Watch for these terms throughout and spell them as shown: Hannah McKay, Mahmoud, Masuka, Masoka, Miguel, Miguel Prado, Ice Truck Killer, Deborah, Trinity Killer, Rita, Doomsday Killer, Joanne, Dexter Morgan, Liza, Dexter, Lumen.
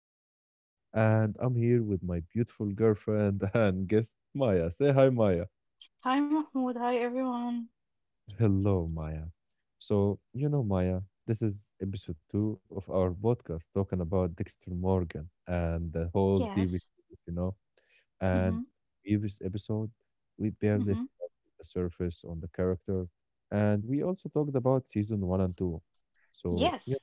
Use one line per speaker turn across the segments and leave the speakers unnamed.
for the day, and I'm here with my beautiful girlfriend and guest, Maya. Say hi, Maya.
Hi Mahmoud, hi everyone.
Hello, Maya. So, you know, Maya, this is episode two of our podcast talking about Dexter Morgan and the whole TV
Yes.
series, you know. And
Mm-hmm.
previous episode, we
Mm,
barely
mm-hmm.
scratched the surface on the character, and we also talked about season one and two. So,
Yes.
yeah.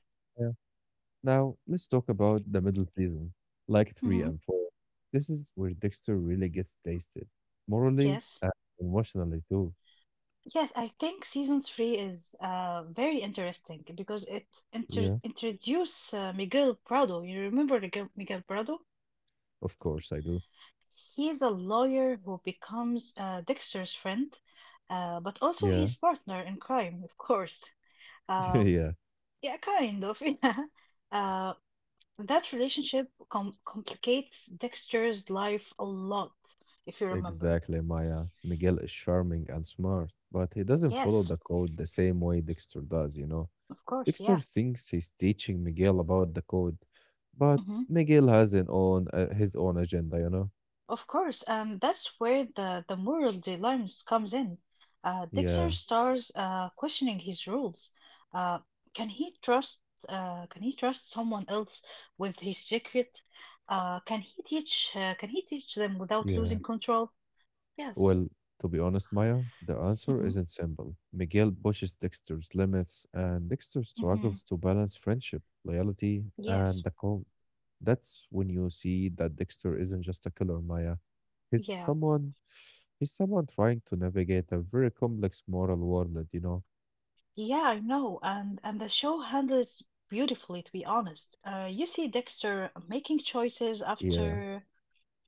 Now, let's talk about the middle seasons, like 3
Mm-hmm. Mhm.
and 4. This is where Dexter really gets tasted, morally
Yes.
and emotionally too.
Yes, I think season three is very interesting because it
Yeah,
inter introduce Miguel Prado. You remember Miguel Prado?
of course I do.
He's a lawyer who becomes Dexter's friend, but also
Yeah,
his partner in crime, of course. Uh,
yeah,
yeah, kind of. Yeah. Uh. That relationship complicates Dexter's life a lot, if you remember.
exactly, Maya. Miguel is charming and smart, but he doesn't follow
Yes,
the code the same way Dexter does, you know.
of course,
Dexter
yeah.
thinks he's teaching Miguel about the code, but
Hmm.
Miguel has an own his own agenda, you know.
Of course, and that's where the moral dilemmas comes in. Dexter
Yeah,
starts questioning his rules. Uh, can he trust can he trust someone else with his secret? Can he teach them without
yeah.
losing control? Yes.
Well, to be honest, Maya, the answer
Hmm.
isn't simple. Miguel pushes Dexter's limits, and Dexter
Hmm.
struggles to balance friendship, loyalty, and
Yes.
the code. That's when you see that Dexter isn't just a killer, Maya. He's
Yeah.
someone, he's someone trying to navigate a very complex moral world?
Yeah, I know, and the show handles beautifully, to be honest. You see Dexter making
Yeah,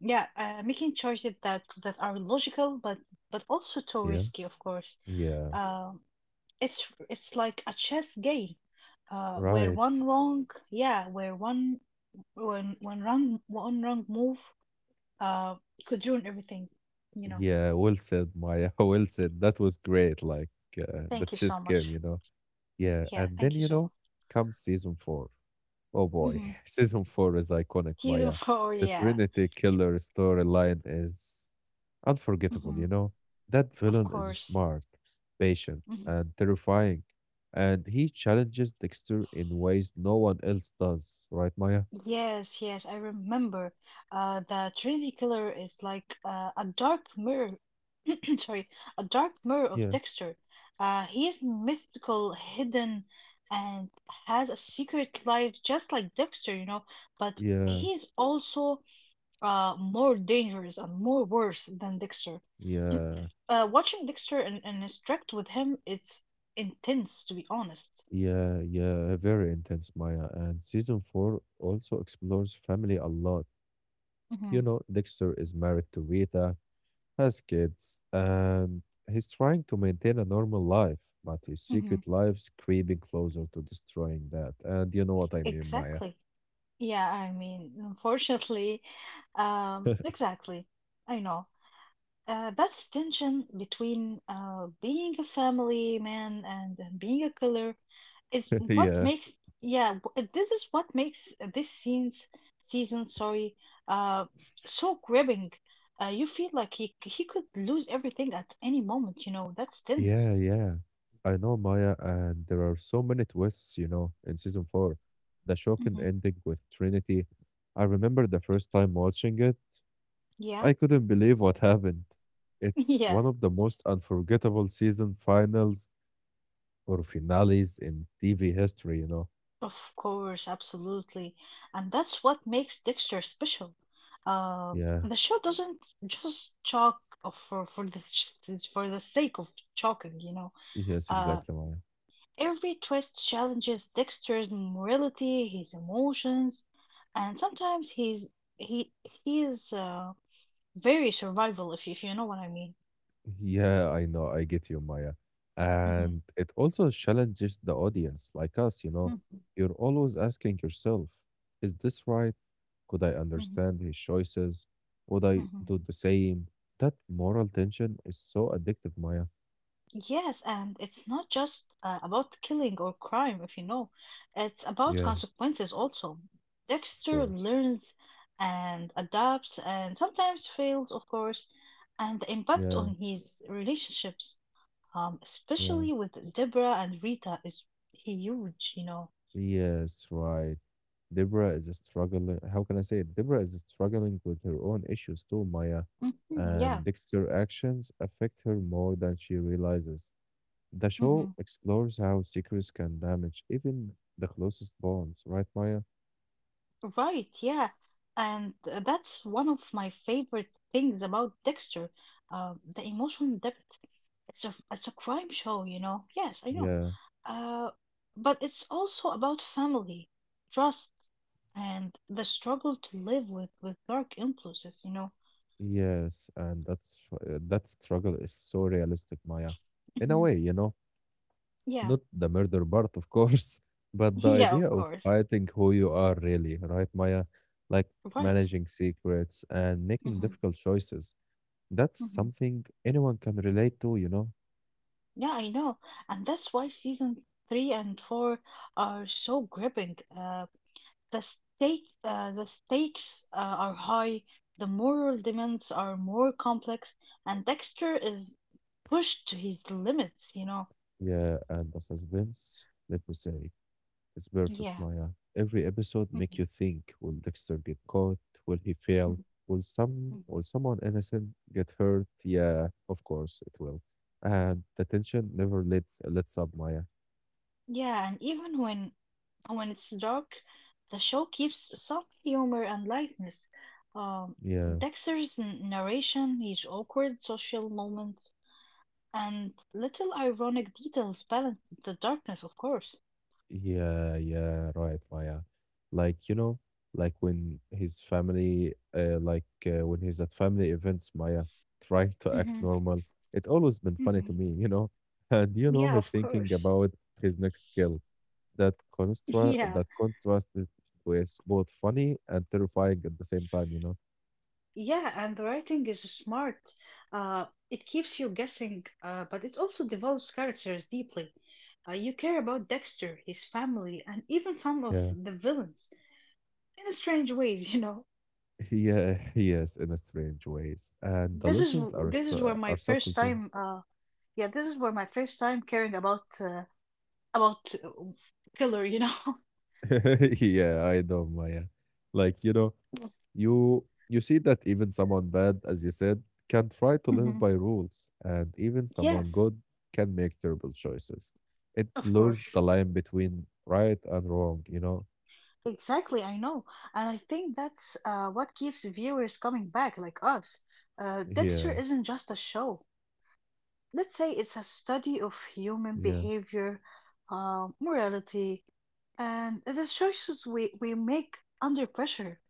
yeah, making choices that are logical, but also too
yeah,
risky, of course.
yeah.
Um, it's it's like a chess game, uh, where one
Right.
wrong, yeah, where one wrong move, uh, could ruin everything. You know.
Yeah, well said, Maya. Well said. That was great. Like, that
Thank you so
just came,
much.
you know? Yeah,
Yeah,
and then,
thank you so much.
comes season four. Oh boy.
Hmm.
Season 4 is iconic,
Season
Maya.
four,
The
yeah.
Trinity Killer storyline is unforgettable,
Mm-hmm.
you know? That
Of
villain is
course.
smart, patient,
Mhm.
and terrifying. And he challenges Dexter in ways no one else does, right, Maya?
Yes, yes, I remember. The Trinity Killer is like a dark mirror. Sorry, a dark mirror of
Yeah,
Dexter. He is mythical, hidden, and has a secret life just like Dexter, you know. But
yeah,
he is also more dangerous and more worse than Dexter.
yeah,
Watching Dexter and interact with him, it's intense, to be honest.
yeah, yeah. Very intense, Maya. And season 4 also explores family a lot. You
Hmm.
know, Dexter is married to Rita, has kids, and he's trying to maintain a normal life, but his
Hmm.
secret life's creeping closer to destroying that. And you know what I mean, Maya.
Exactly. Yeah, I mean, unfortunately, exactly. I know. That's tension between being a family man and being a killer is what
Yeah,
makes, yeah, this is what makes this scene's season, sorry, uh, so gripping. You feel like he could lose everything at any moment, you know, that's tense.
yeah, yeah. I know, Maya, and there are so many twists, you know, in season four. The shocking
Hmm.
ending with Trinity. I remember the first time watching it,
Yeah,
I couldn't believe what happened. It's
yeah.
one of the most unforgettable season finals or finales in TV history, you know.
Of course, absolutely. And that's what makes Dexter special. Um,
Yeah.
the show doesn't just for for the sake of chalking, you know.
Yes,
Uh,
exactly, Maya.
every twist challenges Dexter's morality, his emotions, and sometimes he he is very survival if you know what I mean.
Yeah, I know. I get you, Maya.
Hmm.
And it also challenges the audience, like us, you know.
Hmm.
You're always asking yourself, is this right? Could I understand his choices? Would I
Hmm.
do the same? That moral tension is so addictive, Maya.
Yes, and it's not just about killing or crime, if you know. It's about
Yeah,
consequences also.
of
Dexter
course.
learns and adapts and sometimes fails, of course, and the impact
Yeah,
on his relationships,
yeah.
especially with Deborah and Rita, is huge, you know.
Yes, right. Deborah is struggling. How can I say it? Deborah is struggling with her own issues too, Maya,
Mhm, yeah.
and Dexter's actions affect her more than she realizes. The show
Mm-hmm.
explores how secrets can damage even the closest bonds, right, Maya?
Right, yeah. And that's one of my favorite things about Dexter, the emotional depth. It's a crime show, you know. Yes, I know.
Yeah,
Uh, but it's also about family, trust, and the struggle to live with dark influences, you know.
yes, and that's that struggle is so realistic, Maya. In a
Hmm.
way, you know,
Yeah,
not the murder part, of course, but the
yeah,
idea
of
of
course.
fighting who you are really, right, Maya? Like
Right.
managing secrets and making
Hmm.
difficult choices. That's
Hmm.
something anyone can relate to, you know?
Yeah, I know. And that's why season three and four are so gripping. The stakes are high, the moral demands are more complex, and Dexter is pushed to his limits, you know.
Yeah, and the suspense, let me say, it's perfect,
Yeah.
Maya. Every episode make
Mhm,
you think, will Dexter get caught? Will he fail?
mhm,
Will some
mhm.
will someone innocent get hurt? Yeah, of course it will. And the tension never lets up, Maya.
Yeah, and even when it's dark, the show keeps some humor and lightness. Um,
Yeah.
Dexter's narration, his awkward social moments, and little ironic details balance the darkness, of course.
Yeah, yeah, right, Maya. Like, you know, like when his family, like when he's at family events, Maya, trying to act
Mhm,
normal. It always been funny
mhm.
to me, you know. And you
Yeah,
know, he
of
thinking
course.
about his next kill. That constra
Yeah,
that contrasted was both funny and terrifying at the same time, you know.
yeah, and the writing is smart. It keeps you guessing, but it also develops characters deeply. You care about Dexter, his family, and even some of
Yeah,
the villains in strange ways, you know.
yeah, yes, in a strange ways. And the lessons are
This
st
is where
are
my
subtle
first
too.
time, Yeah, this is where my first time caring about about uh, killer, you know.
Yeah, I know, Maya. Like, you know, you see that even someone bad, as you said, can try to live
Mhm.
by rules, and even someone
Yes,
good can make terrible choices. It
of
blurs the
course.
line between right and wrong, you know?
Exactly, I know. And I think that's what keeps viewers coming back, like us. Dexter
Yeah,
isn't just a show. Let's say it's a study of human
yeah,
behavior, morality, and the choices we make under pressure.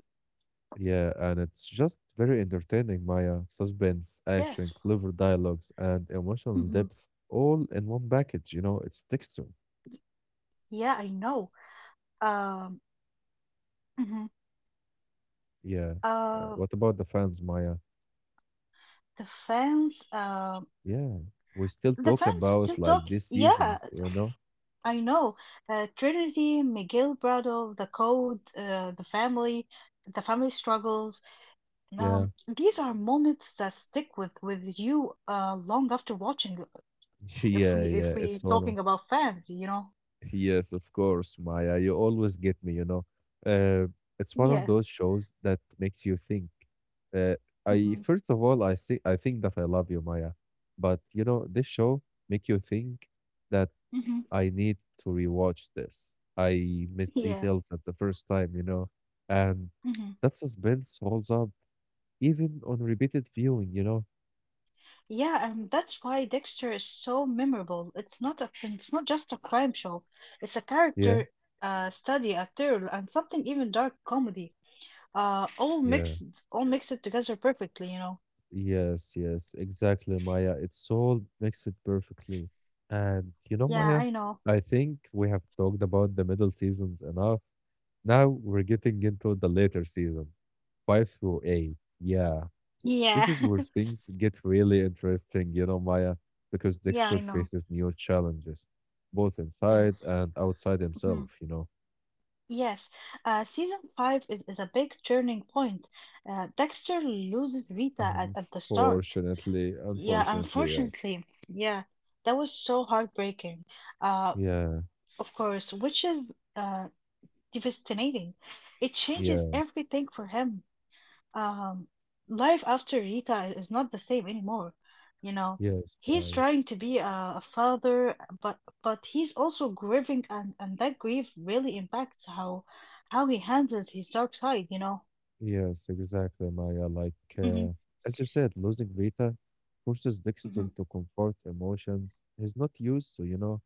yeah. And it's just very entertaining, Maya. Suspense, action,
Yes.
clever dialogues, and emotional
Hmm.
depth all in one package, you know? It's texture.
Yeah, I know. Um, mhm.
Yeah.
uh,
What about the fans, Maya?
the fans, um
Yeah. We still
the
talk
fans still
about
talk.
like these
Yeah,
seasons, you know?
I know Trinity, Miguel Brado, the code, the family struggles.
Yeah.
Um, these are moments that stick with you long after watching. If
Yeah,
we if
yeah,
we
it's one of
talking about fans, you know.
yes, of course, Maya. You always get me, you know. Uh, it's one of those
Yes.
shows that makes you think. Uh, I
Hmm.
first of all, I think that I love you, Maya. But you know, this show make you think that
Hmm.
I need to rewatch this. I missed
Yeah.
details at the first time, you know, and
Hmm.
that suspense holds up even on repeated viewing, you know.
Yeah, and that's why Dexter is so memorable. It's not just a crime show. It's a
Yeah,
character study, a thriller, and something even dark comedy. Uh, all
yeah.
mixed, all mixed together perfectly, you know.
Yes, yes, exactly, Maya. It's all mixed perfectly. And you know,
Yeah,
Maya,
I know.
I think we have talked about the middle seasons enough. Now we're getting into the later season, five through eight. Yeah, this
Yeah,
is where things get really interesting, you know, Maya, because
yeah,
Dexter
I know.
faces new challenges, both inside
Yes.
and outside
Mhm.
himself, you know.
Yes. Season five is a big turning point. Dexter loses Rita at the start.
Unfortunately,
Yeah,
unfortunately, yes.
unfortunately. Yeah, that was so heartbreaking. Uh,
Yeah,
of course, which is uh devastating. It changes
yeah,
everything for him. um, life after Rita is not the same anymore. You know,
yes,
he's
right.
trying to be a father, but he's also grieving, and that grief really impacts how he handles his dark side. You know.
Yes, exactly, Maya. Like,
Hmm.
uh, as you said, losing Rita forces
Hmm.
Dexter
Mhm.
to comfort emotions he's not used to, you know.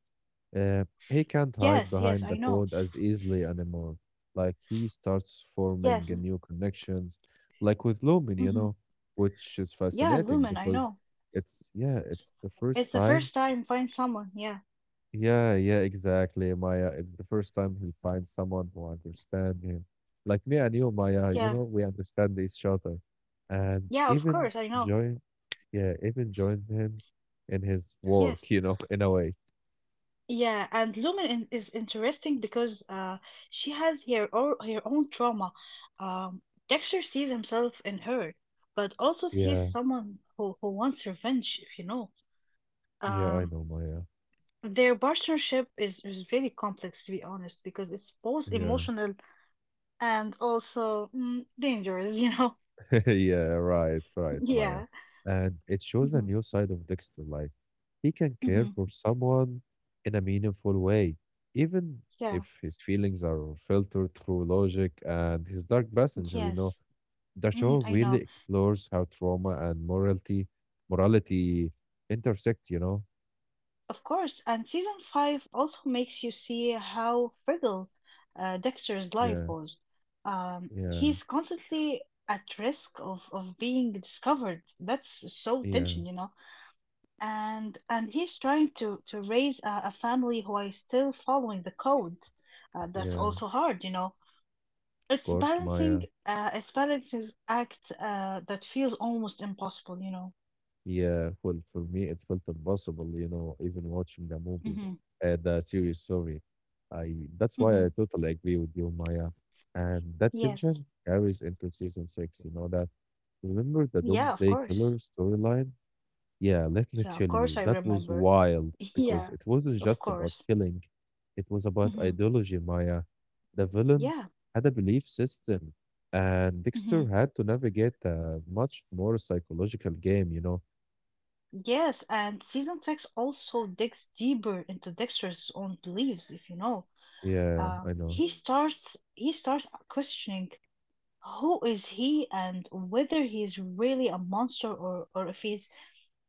He can't hide
Yes, yes,
behind
I
the
know.
code as easily anymore. Like, he starts forming
Yes.
a
Mhm.
new connections, like with Lumen, you
Hmm.
know, which is
Yeah,
fascinating
Lumen, I
because
know.
it's, yeah, it's the first
It's the
time
first time find someone. Yeah,
yeah, yeah, exactly, Maya. It's the first time he finds someone who understands him. Like me and you, Maya, you
yeah,
know, we understand each other. And
yeah. Of
even
course, I know.
join, yeah, even join him in his work,
Yes.
you know, in a way.
Yeah, and Lumen is interesting because she has her or her own trauma. Um, Dexter sees himself in her, but also sees
Yeah,
someone who wants revenge, if you know.
yeah, I
Um,
know, Maya.
their partnership is very complex, to be honest, because it's both
Yeah.
emotional and also dangerous, you know?
yeah, right, right, Maya.
Yeah.
And it shows a
Hmm.
new side of Dexter. Like, he can care
Hmm.
for someone in a meaningful way, even
Yeah.
if his feelings are filtered through logic and his dark passenger, you know.
Yes.
The show
I
really
know.
explores how trauma and morality intersect, you know?
Of course, and season five also makes you see how fragile Dexter's life
Yeah,
was. Um,
yeah,
he's constantly at risk of being discovered. That's so
yeah,
tension, you know. And he's trying to raise a family while still following the code. That's
yeah.
also hard, you know.
Of
It's
course, Maya.
balancing, uh, it's balancing act that feels almost impossible, you know.
Yeah, well, for me, it felt impossible, you know, even watching the movie,
Hmm.
the series, sorry. I that's why I
Hmm.
totally agree with you, Maya. And that
Yes.
tension carries into season six, you know that. Remember the
Yeah, of
Doomsday
course.
Killer storyline? Yeah, let me
Yeah, of
tell
course
you,
I
that was
remember.
wild because
Yeah,
it wasn't
of
just about
course.
killing, it was about
Hmm.
ideology, Maya. The villain
Yeah.
had a belief system, and
Hmm.
Dexter had to navigate a much more psychological game, you know.
Yes, and season six also digs deeper into Dexter's own beliefs, if you know.
Yeah,
Uh,
I know.
he starts he starts questioning who is he and whether he's really a monster or if he's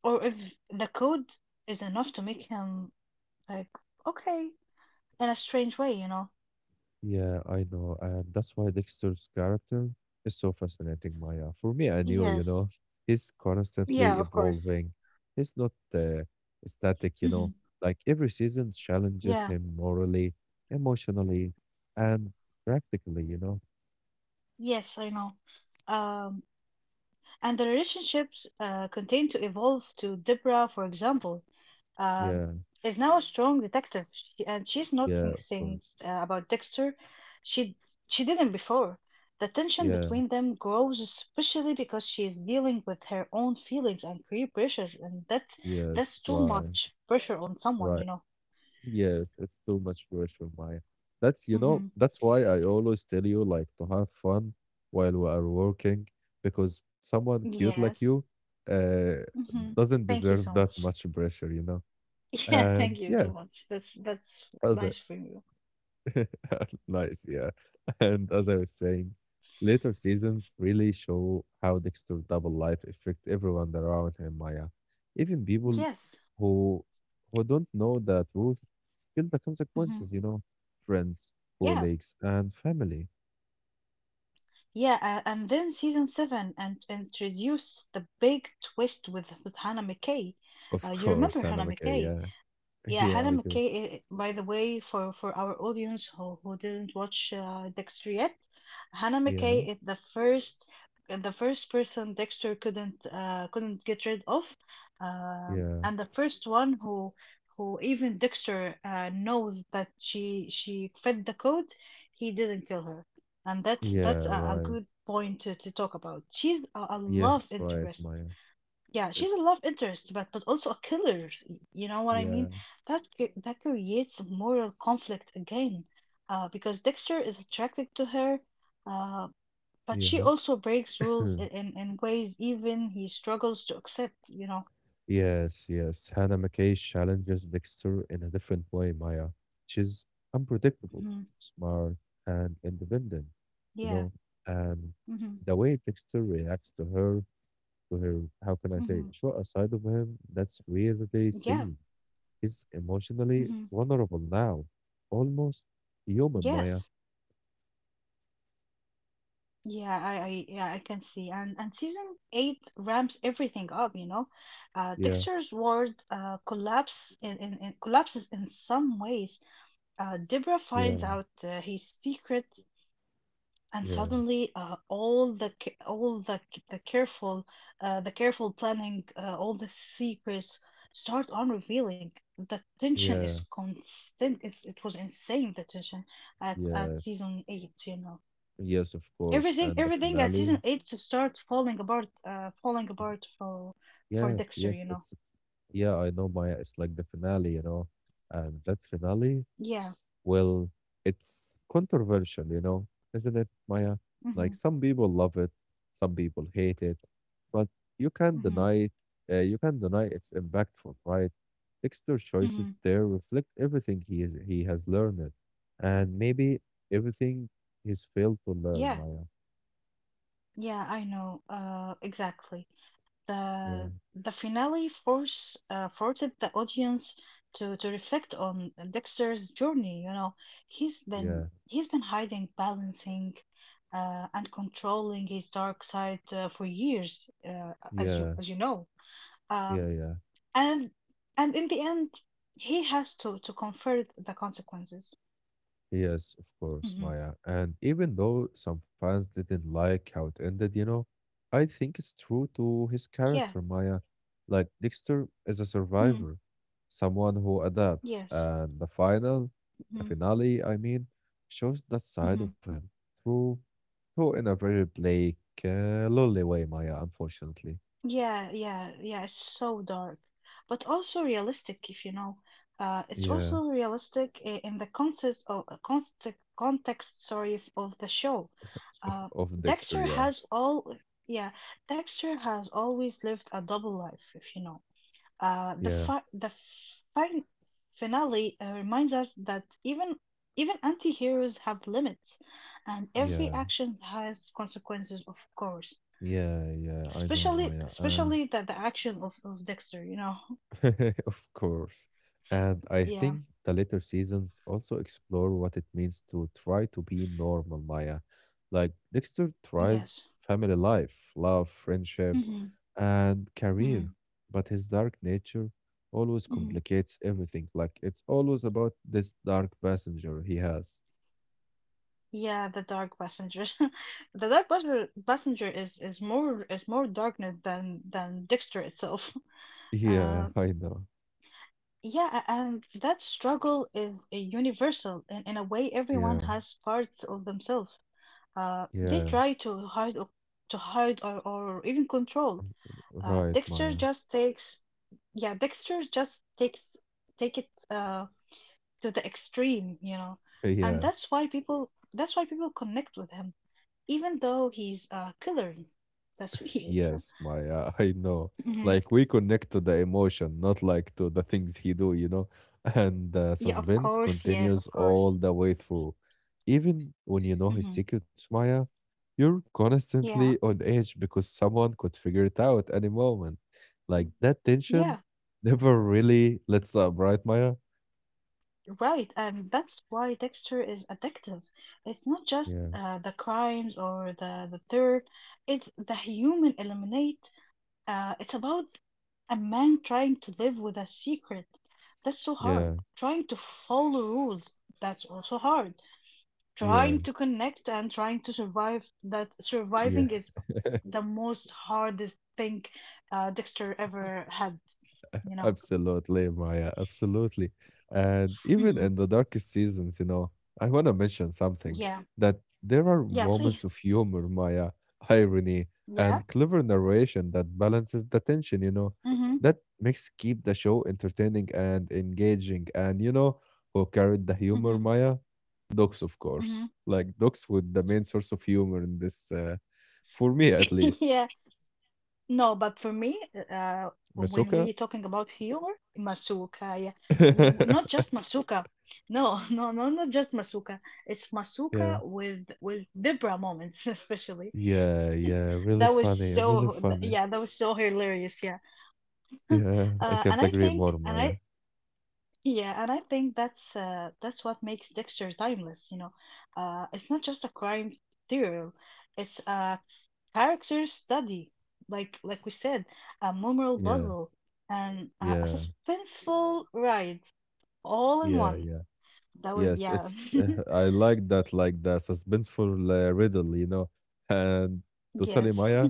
or if the code is enough to make him like okay in a strange way, you know.
Yeah, I know. And that's why Dexter's character is so fascinating, Maya. For me, I knew, you
Yes.
know, he's constantly
Yeah, of course.
evolving. He's not static, you
Hmm.
know. Like every season challenges
Yeah.
him morally, emotionally, and practically, you know.
Yes, I know. Um, and the relationships continue to evolve to Deborah, for example, um,
Yeah,
is now a strong detective, she, and she's not
yeah, of
thinking
course.
about Dexter. She she didn't before. The tension
Yeah,
between them grows, especially because she is dealing with her own feelings and career pressure, and that's
yes,
too
right,
much pressure on someone, you
right.
know.
Yes, it's too much pressure, Maya. That's, you know,
Hmm.
that's why I always tell you like to have fun while we are working because someone cute like
Yes.
you uh
Hmm.
doesn't
Thank you
deserve
so
that
much.
much pressure, you know.
Yeah, thank
And
you
yeah,
so much. That's
as
nice from you.
nice, yeah. And as I was saying, later seasons really show how Dexter's double life affect everyone around him, Maya. Even people
Yes.
who who don't know the truth feel the
Hmm.
consequences, you know. Friends,
Yeah.
colleagues, and family.
Yeah. And then season seven and introduce the big twist with Hannah McKay. Uh,
Of
you remember
course, Anna
Hannah
McKay,
McKay?
yeah.
Yeah,
Yeah,
Hannah
I do.
McKay, by the way, for our audience who didn't watch Dexter yet, Hannah
Yeah,
McKay is the first person Dexter couldn't get rid of,
yeah,
and the first one who even Dexter knows that she fed the code, he didn't kill her, and that's
yeah,
that's a
right.
good point to talk about. She's a love
Yes, right,
interest.
Maya.
Yeah,
Uh,
she's a love interest, but also a killer. You know what I mean?
Yeah,
That creates moral conflict again, because Dexter is attracted to her, uh, but she
yeah.
also breaks rules in ways even he struggles to accept. You know?
Yes, yes. Hannah McKay challenges Dexter in a different way, Maya. She's unpredictable,
Hmm.
smart, and independent, you
Yeah.
know. And
Hmm.
the way Dexter reacts to her, how can I say,
Hmm.
show a side of him that's rarely
Yeah.
seen. He's emotionally
Hmm.
vulnerable now, almost human, Maya.
Yes. Yeah. I yeah I can see. And season eight ramps everything up. You know,
Yeah,
Dexter's world collapses in some ways. Deborah
yeah,
finds out his secret, and
yeah,
suddenly all the ca- all the c- the careful planning, all the secrets start on revealing. The tension is
yeah,
constant. It was insane the tension at
yes,
season eight. You know
yes, of course.
everything
And the
everything at
finale,
season eight to start falling apart for
yes,
Dexter. You
yes,
know,
it's yeah, I know, Maya. It's like the finale, you know, and that finale,
yeah.
well, it's controversial, you know, isn't it, Maya? Like
Hmm.
some people love it, some people hate it, but you can't
Hmm.
deny it. You can't deny it's impactful, right? Dexter's
Hmm.
choices there reflect everything he has learned, and maybe everything he's failed to learn,
Yeah.
Maya.
Yeah, I know. Exactly.
Yeah,
The finale forced the audience to reflect on Dexter's journey. You know, he's
yeah,
been he's been hiding, balancing, and controlling his dark side for years, as you
yeah,
as you know. Um,
yeah, yeah.
and and in the end, he has to confront the consequences.
Yes, of course,
Hmm.
Maya. And even though some fans didn't like how it ended, you know, I think it's true to his
Yeah.
character, Maya. Like, Dexter is a
Hmm.
survivor, someone who adapts,
Yes.
and the final, the
Hmm.
finale, I mean, shows that side
Hmm.
of him through, through in a very bleak, lonely way, Maya, unfortunately.
Yeah, yeah, yeah, it's so dark, but also realistic, if you know. It's also
Yeah,
realistic in the context of const context, sorry, of the show. Uh,
of Dexter,
Dexter
yeah.
has all, yeah, Dexter has always lived a double life, if you know. The
Yeah,
fi the fin finale reminds us that even anti-heroes have limits, and every
yeah,
action has consequences, of course,
yeah, yeah, I know,
especially
Maya. And
the action of Dexter, you know.
of course. And I
Yeah.
think the later seasons also explore what it means to try to be normal, Maya. Like Dexter tries
Yes.
family life, love, friendship,
Mhm.
and career,
Mhm.
but his dark nature always
Mhm.
complicates everything. Like it's always about this dark passenger he has.
Yeah, the dark passenger. The dark passenger is more darkness than Dexter itself.
Yeah,
Uh,
I know.
and that struggle is a universal, and in a way, everyone
Yeah,
has parts of themselves. They
yeah,
try to hide or even control. Uh,
right, Maya.
Dexter just takes, yeah, Dexter just takes take it to the extreme, you know, and
Yeah.
that's why people connect with him, even though he's a killer. That's weird.
Yes, Maya, I know.
Mhm.
Like we connect to the emotion, not like to the things he do, you know. And the
Yeah, of
suspense
course, yes,
continues
of
all
course.
the way through. Even when you
Hmm.
know his secrets, Maya, you're constantly
Yeah,
on edge because someone could figure it out any moment. Like that tension
yeah,
never really lets up, right, Maya?
right. And that's why Dexter is addictive. It's not just
Yeah,
the crimes or the third, it's the human element. It's about a man trying to live with a secret. That's so hard.
yeah,
Trying to follow rules. That's also hard.
yeah,
Trying to connect and trying to survive. That
yeah.
surviving is the most hardest thing Dexter ever had, you know.
Absolutely, Maya. Absolutely. And even
Hmm.
in the darkest seasons, you know, I want to mention something
Yeah.
that there are
Yeah,
moments
please.
of humor, Maya, irony,
Yeah.
and clever narration that balances the tension,
Mm-hmm.
that makes keep the show entertaining and engaging. And, who carried the humor,
Mm-hmm.
Maya? Dogs, of course. Like, dogs with the main source of humor in this, for me at least.
Mm-hmm. No, but for me, when
Masoka?
we're talking about humor, masuka, yeah. Not just masuka. No, no, no, not just masuka. It's
Yeah.
masuka with Debra moments, especially.
Yeah, yeah, really
That was
funny, really
so,
funny.
yeah, that was so hilarious, yeah.
Yeah, I
And
can't
I
agree
think,
more,
and
Maya.
I, yeah, and I think that's what makes Dexter timeless, you know. It's not just a crime serial. It's a character study, like we said, a memorable
Yeah,
puzzle and a
yeah,
suspenseful ride all in
yeah,
one.
yeah.
That was
Yes,
yeah.
it's I like that, like the suspenseful riddle, you know. And totally,
Yes.
Maya.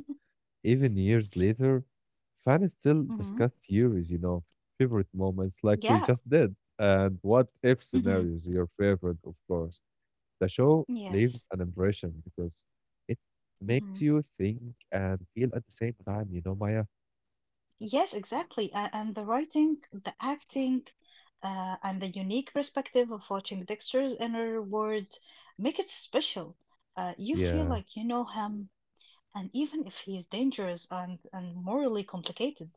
Even years later, fans still
Mm-hmm.
discuss theories, you know, favorite moments, like we
Yeah.
just did, and what if
Mm-hmm.
scenarios. Your favorite, of course. The show
Yes.
leaves an impression because it makes
Mm-hmm.
you think and feel at the same time, you know, Maya.
Yes, exactly. And the writing, the acting, and the unique perspective of watching Dexter's inner world make it special. You feel
Yeah,
like you know him, and even if he's dangerous and morally complicated.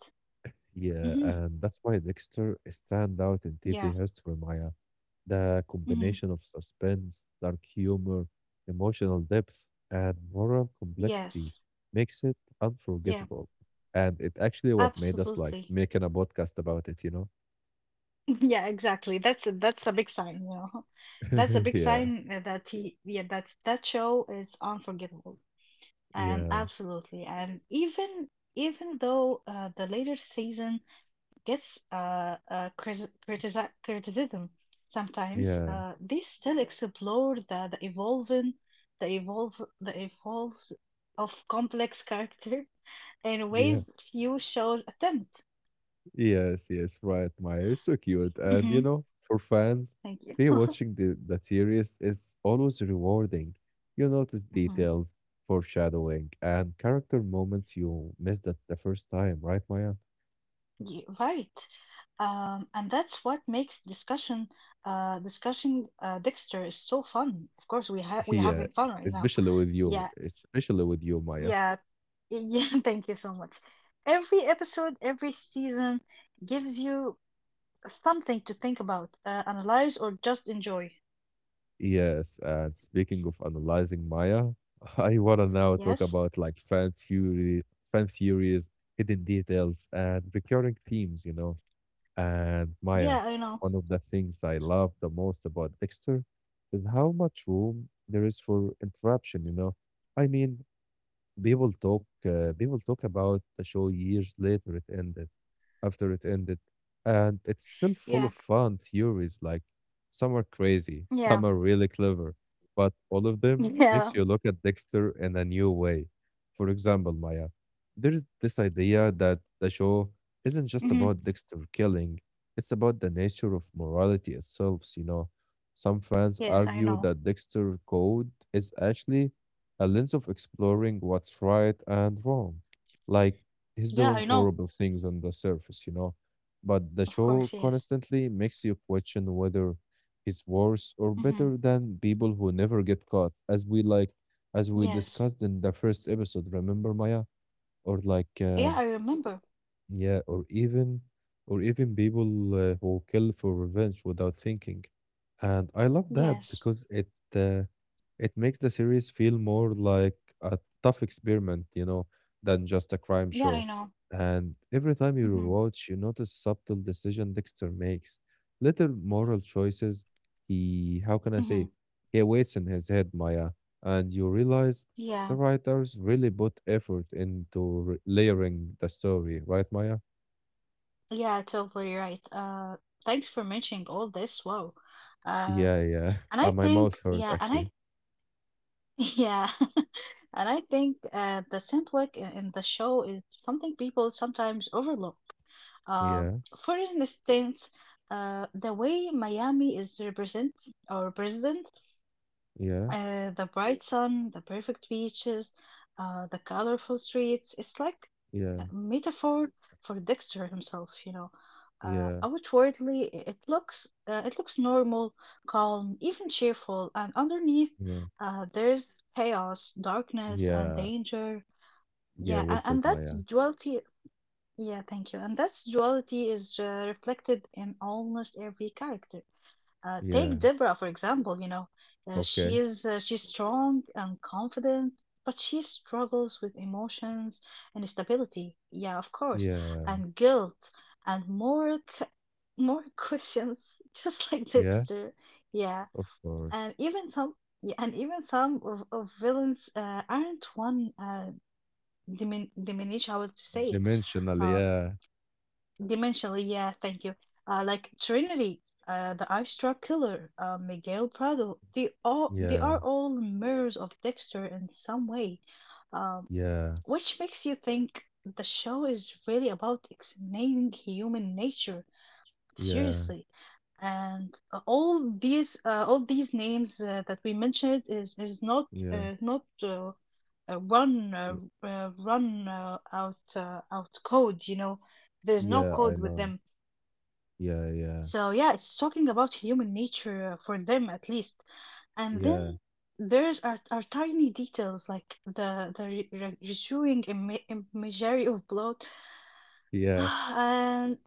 yeah,
Mm-hmm.
and that's why Dexter stand out in TV
Yeah.
history, Maya. The
Hmm.
combination of suspense, dark humor, emotional depth, and moral complexity
Yes.
makes it
Yeah,
unforgettable. And it actually what made us like
absolutely.
making a podcast about it, you know?
Yeah, exactly. That's a big sign, you know. That's a big
Yeah,
sign that that show is unforgettable. And
yeah,
absolutely. And even even though the later season gets criticism sometimes.
yeah,
They still explore the evolve, the evolves of complex character in
yeah.
ways few shows attempt.
Yes, yes, right, Maya. You so cute. And you
Hmm.
know, for fans,
Thank you.
rewatching the series is always rewarding. You notice
Hmm.
details, foreshadowing, and character moments you missed at the first time, right, Maya?
Yeah, right. And that's what makes discussing Dexter is so fun. Of course, we
Yeah,
having fun right now. Yeah,
especially with you, Maya.
yeah, yeah. Thank you so much. Every episode, every season gives you something to think about, analyze, or just enjoy.
Yes, and speaking of analyzing Maya, I wanna now talk
Yes.
about like fan theory, fan theories, hidden details, and recurring themes, you know. And Maya,
Yeah, I know.
one of the things I love the most about Dexter is how much room there is for interruption, you know. I mean, people talk about the show years later it ended, after it ended. And it's still full
Yeah,
of fun theories. Like some are crazy,
yeah,
some are really clever, but all of them
yeah.
makes you look at Dexter in a new way. For example, Maya, there's this idea that the show isn't just
Hmm.
about Dexter killing, it's about the nature of morality itself, you know. Some fans
Yes, I
argue
know.
that Dexter Code is actually a lens of exploring what's right and wrong. Like, he's
Yeah,
doing
I know.
horrible things on the surface, you know. But the
Of
show
course, yes.
constantly makes you question whether he's worse or better
Hmm.
than people who never get caught, as we like, as we
Yes.
discussed in the first episode. Remember, Maya, or like
Yeah, I remember.
yeah, or even people who kill for revenge without thinking. And I love that
Yes.
because it uh, it makes the series feel more like a tough experiment, you know, than just a crime
Yeah,
show.
I know.
And every time you
Mm-hmm.
rewatch, you notice subtle decision Dexter makes, little moral choices. He, how can I say it?
Mm-hmm.
He waits in his head, Maya, and you realize the
Yeah.
writers really put effort into r layering the story, right, Maya?
Yeah, totally right. Thanks for mentioning all this. Wow. Uh,
Yeah, yeah.
and I
My mouth
think,
hurt
yeah, and I,
actually.
yeah, and I think the symbolic in the show is something people sometimes overlook. Uh,
Yeah,
for instance, the way Miami is represent or president.
yeah,
The bright sun, the perfect beaches, the colorful streets. It's like
yeah,
a metaphor for Dexter himself, you know. Uh,
yeah,
outwardly, i- it looks normal, calm, even cheerful, and underneath,
yeah,
there's chaos, darkness, and
yeah,
danger.
yeah.
Yeah,
Well
and,
said,
and that's
Maya.
duality. Yeah, thank you. And that's duality is reflected in almost every character.
Yeah.
Take Deborah, for example, you know.
Okay.
She's strong and confident, but she struggles with emotions and stability. Yeah, of course,
Yeah,
and guilt and more questions, just like
yeah.
Dexter. Yeah,
Of
and
course.
even some yeah, and even some of villains aren't one dimin diminish how to say it.
Dimensional. Yeah,
Dimensionally, yeah, thank you. Like Trinity, the Ice Truck Killer, Miguel Prado, they
yeah,
are all mirrors of Dexter in some way, um,
yeah,
which makes you think the show is really about explaining human nature
yeah,
seriously. And all these names that we mentioned is not
yeah,
not run run out out code. You know, there's no
yeah. I
code with
know.
them,
Yeah, yeah,
so yeah, it's talking about human nature for them at least. And then
yeah,
there's our tiny details like the imagery of blood,
yeah,
and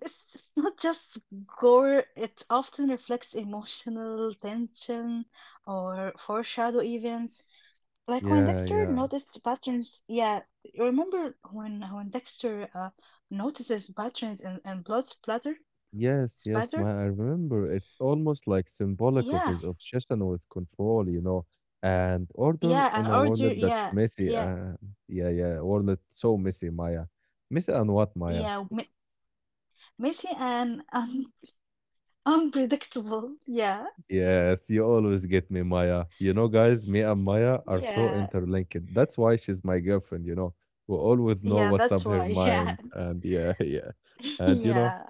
it's not just gore. It often reflects emotional tension or foreshadow events. Like when
yeah,
Dexter
yeah.
noticed patterns, yeah, you remember when Dexter notices patterns and blood splatter,
Yes, yes,
spatter?
Maya, I remember. It's almost like symbolic of
Yeah,
his obsession with control, you know, and order
yeah, and
in a world
order.
that's
Yeah,
messy.
yeah,
Yeah, yeah, world that's so messy, Maya. Messy and what, Maya?
yeah. Messy and un unpredictable. Yeah,
Yes, you always get me, Maya. You know, guys, me and Maya are so
yeah,
interlinked. That's why she's my girlfriend, you know. We always know
yeah.
what's
That's
up her
why. Yeah,
mind, and yeah, yeah, and you know.
yeah.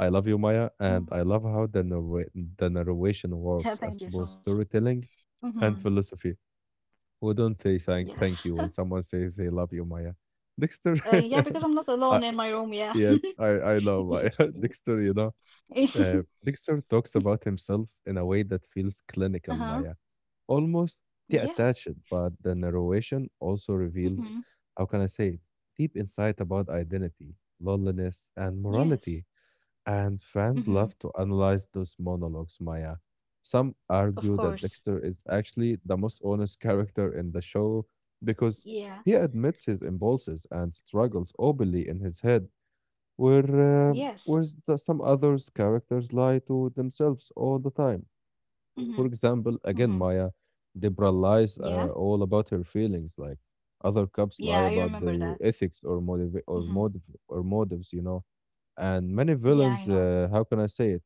I love you, Maya, and
Hmm.
I love how the narration
Yeah.
works
Thank
as
you so
both
much.
storytelling
Hmm.
and philosophy. Who don't say thank
Yes.
you when someone says they love you, Maya? Dexter.
Yeah, because I'm not
uh,
alone in my room. Yeah.
yes, I know Maya. Dexter, you know, Dexter talks about himself in a way that feels clinical,
Uh-huh.
Maya, almost
Yeah.
detached, but the narration also reveals,
Hmm.
how can I say, it, deep insight about identity, loneliness, and
Yes.
morality, and fans
Hmm.
love to analyze those monologues, Maya. Some
Of
argue that
course.
Dexter is actually the most honest character in the show because
Yeah.
he admits his impulses and struggles openly in his head, where, uh,
Yes.
whereas some others' characters lie to themselves all the time.
Hmm.
For example, again,
Hmm.
Maya, Deborah lies
Yeah.
all about her feelings, like other cops lie
Yeah, I
about
remember
their
that.
ethics or motive or
Hmm.
motive or motives, you know, and many
Yeah, I
villains,
know.
how can I say it,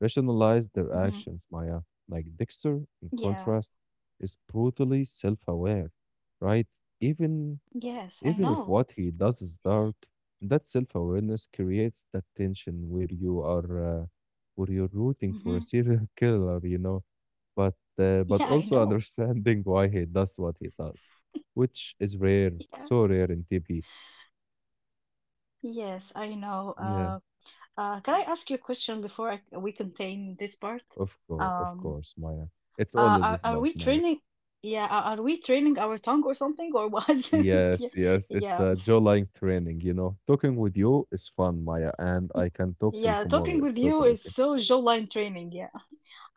rationalize their
Hmm.
actions, Maya. Like Dexter, in
Yeah.
contrast, is brutally self-aware, right? Even
Yes, I
Even if
know.
what he does is dark, that self-awareness creates that tension where you are where you're rooting for a
Hmm.
serial killer, you know, but but
Yeah, I
also
know.
understanding why he does what he does, which is rare,
Yeah.
so rare in TV.
Yes, I know.
Yeah.
Can I ask you a question before we contain this part?
Of
Um,
course, Maya. It's always this
are
bug,
we
Maya.
training? Yeah, are we training our tongue or something or what? Yeah,
Yes, yes. It's
yeah,
a jawline training, you know. Talking with you is fun, Maya, and
y-
I can talk till
yeah.
tomorrow.
Talking
It's
with you
totally
is
okay.
so jawline training. Yeah.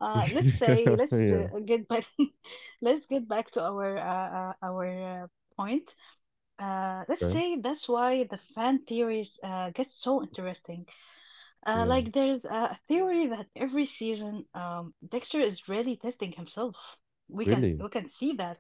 Uh, let's say let's
Yeah,
uh, get back. Let's get back to our point. Let's
okay.
say that's why the fan theories get so interesting.
Yeah.
Like there's a theory that every season, Dexter is really testing himself.
Really?
We can see that.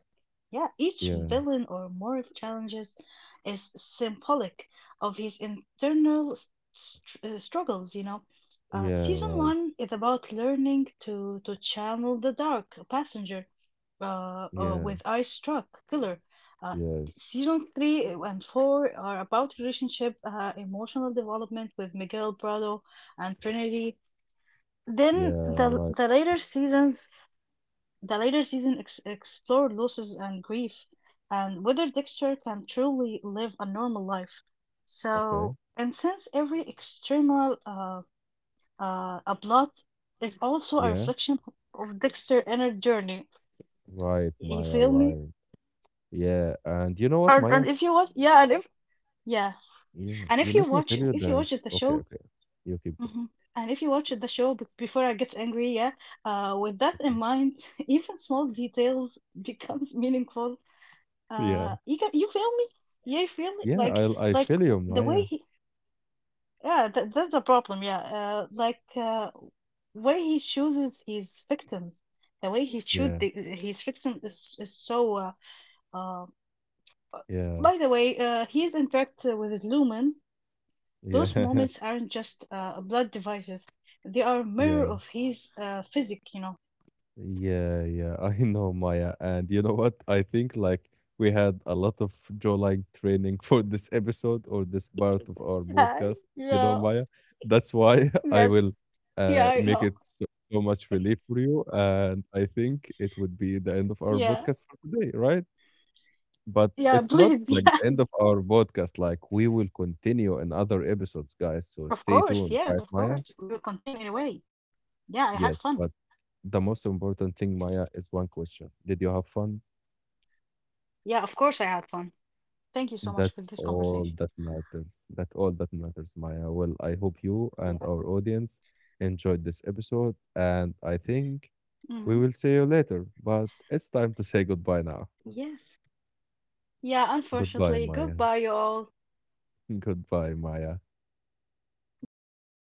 Yeah, each
Yeah.
villain or moral challenges is symbolic of his internal struggles. You know,
Yeah,
season
right.
one is about learning to channel the dark passenger,
Yeah.
with eye struck killer. Uh,
Yes.
Season three and four are about relationship, emotional development with Miguel Prado and Trinity.
Yeah,
Then the
right.
the later seasons, the later season ex explored losses and grief, and whether Dexter can truly live a normal life.
Okay.
So, and since every external a plot is also a
Yeah.
reflection of Dexter's inner journey.
Right,
You
Maya,
feel me?
right. Yeah. And you know what, Maya?
And if you watch, yeah,
Yeah.
and
Yeah, let me tell you
if you
that.
watch the
Okay,
show,
okay. You keep going.
Mhm. And if you watch the show before I gets angry, yeah, with that in
Okay.
mind, even small details becomes meaningful.
Yeah.
You feel me? Yeah, you feel me?
Yeah, I
Like
feel you,
the way
Maya.
he, yeah, that, that's the problem. Yeah, like way he chooses his victims, the way he choose
Yeah.
the, his victim is so. Uh, uh,
Yeah,
by the way, he's in fact with his Lumen. Those
yeah,
moments aren't just blood devices; they are a mirror
yeah,
of his physique. You know.
yeah, yeah. I know, Maya. And you know what? I think like we had a lot of jawline training for this episode or this part of our
Yeah.
podcast, you know,
Yeah.
Maya. That's why I
Yes.
will
Yeah, I
make
know.
it so, so much relief for you. And I think it would be the end of our
Yeah.
podcast for today, right? But
Yeah.
it's not
Please.
like
Yeah.
the end of our podcast. Like we will continue in other episodes, guys. So
Of
stay
course.
tuned,
Yes.
right,
Of
Maya?
course. We will contain anyway. Yeah. I had fun.
Yes, but the most important thing, Maya, is one question. Did you have fun?
Yeah. Of course, I had fun. Thank you so much for
That's
this
all
conversation.
that matters. That all that matters, Maya. Well, I hope you and
Yeah.
our audience enjoyed this episode, and I think
Mhm.
we will see you later. But it's time to say goodbye
Yes.
now.
Yeah. Unfortunately,
Goodbye,
goodbye, you
Maya.
all.
Goodbye, Maya.
Goodbye.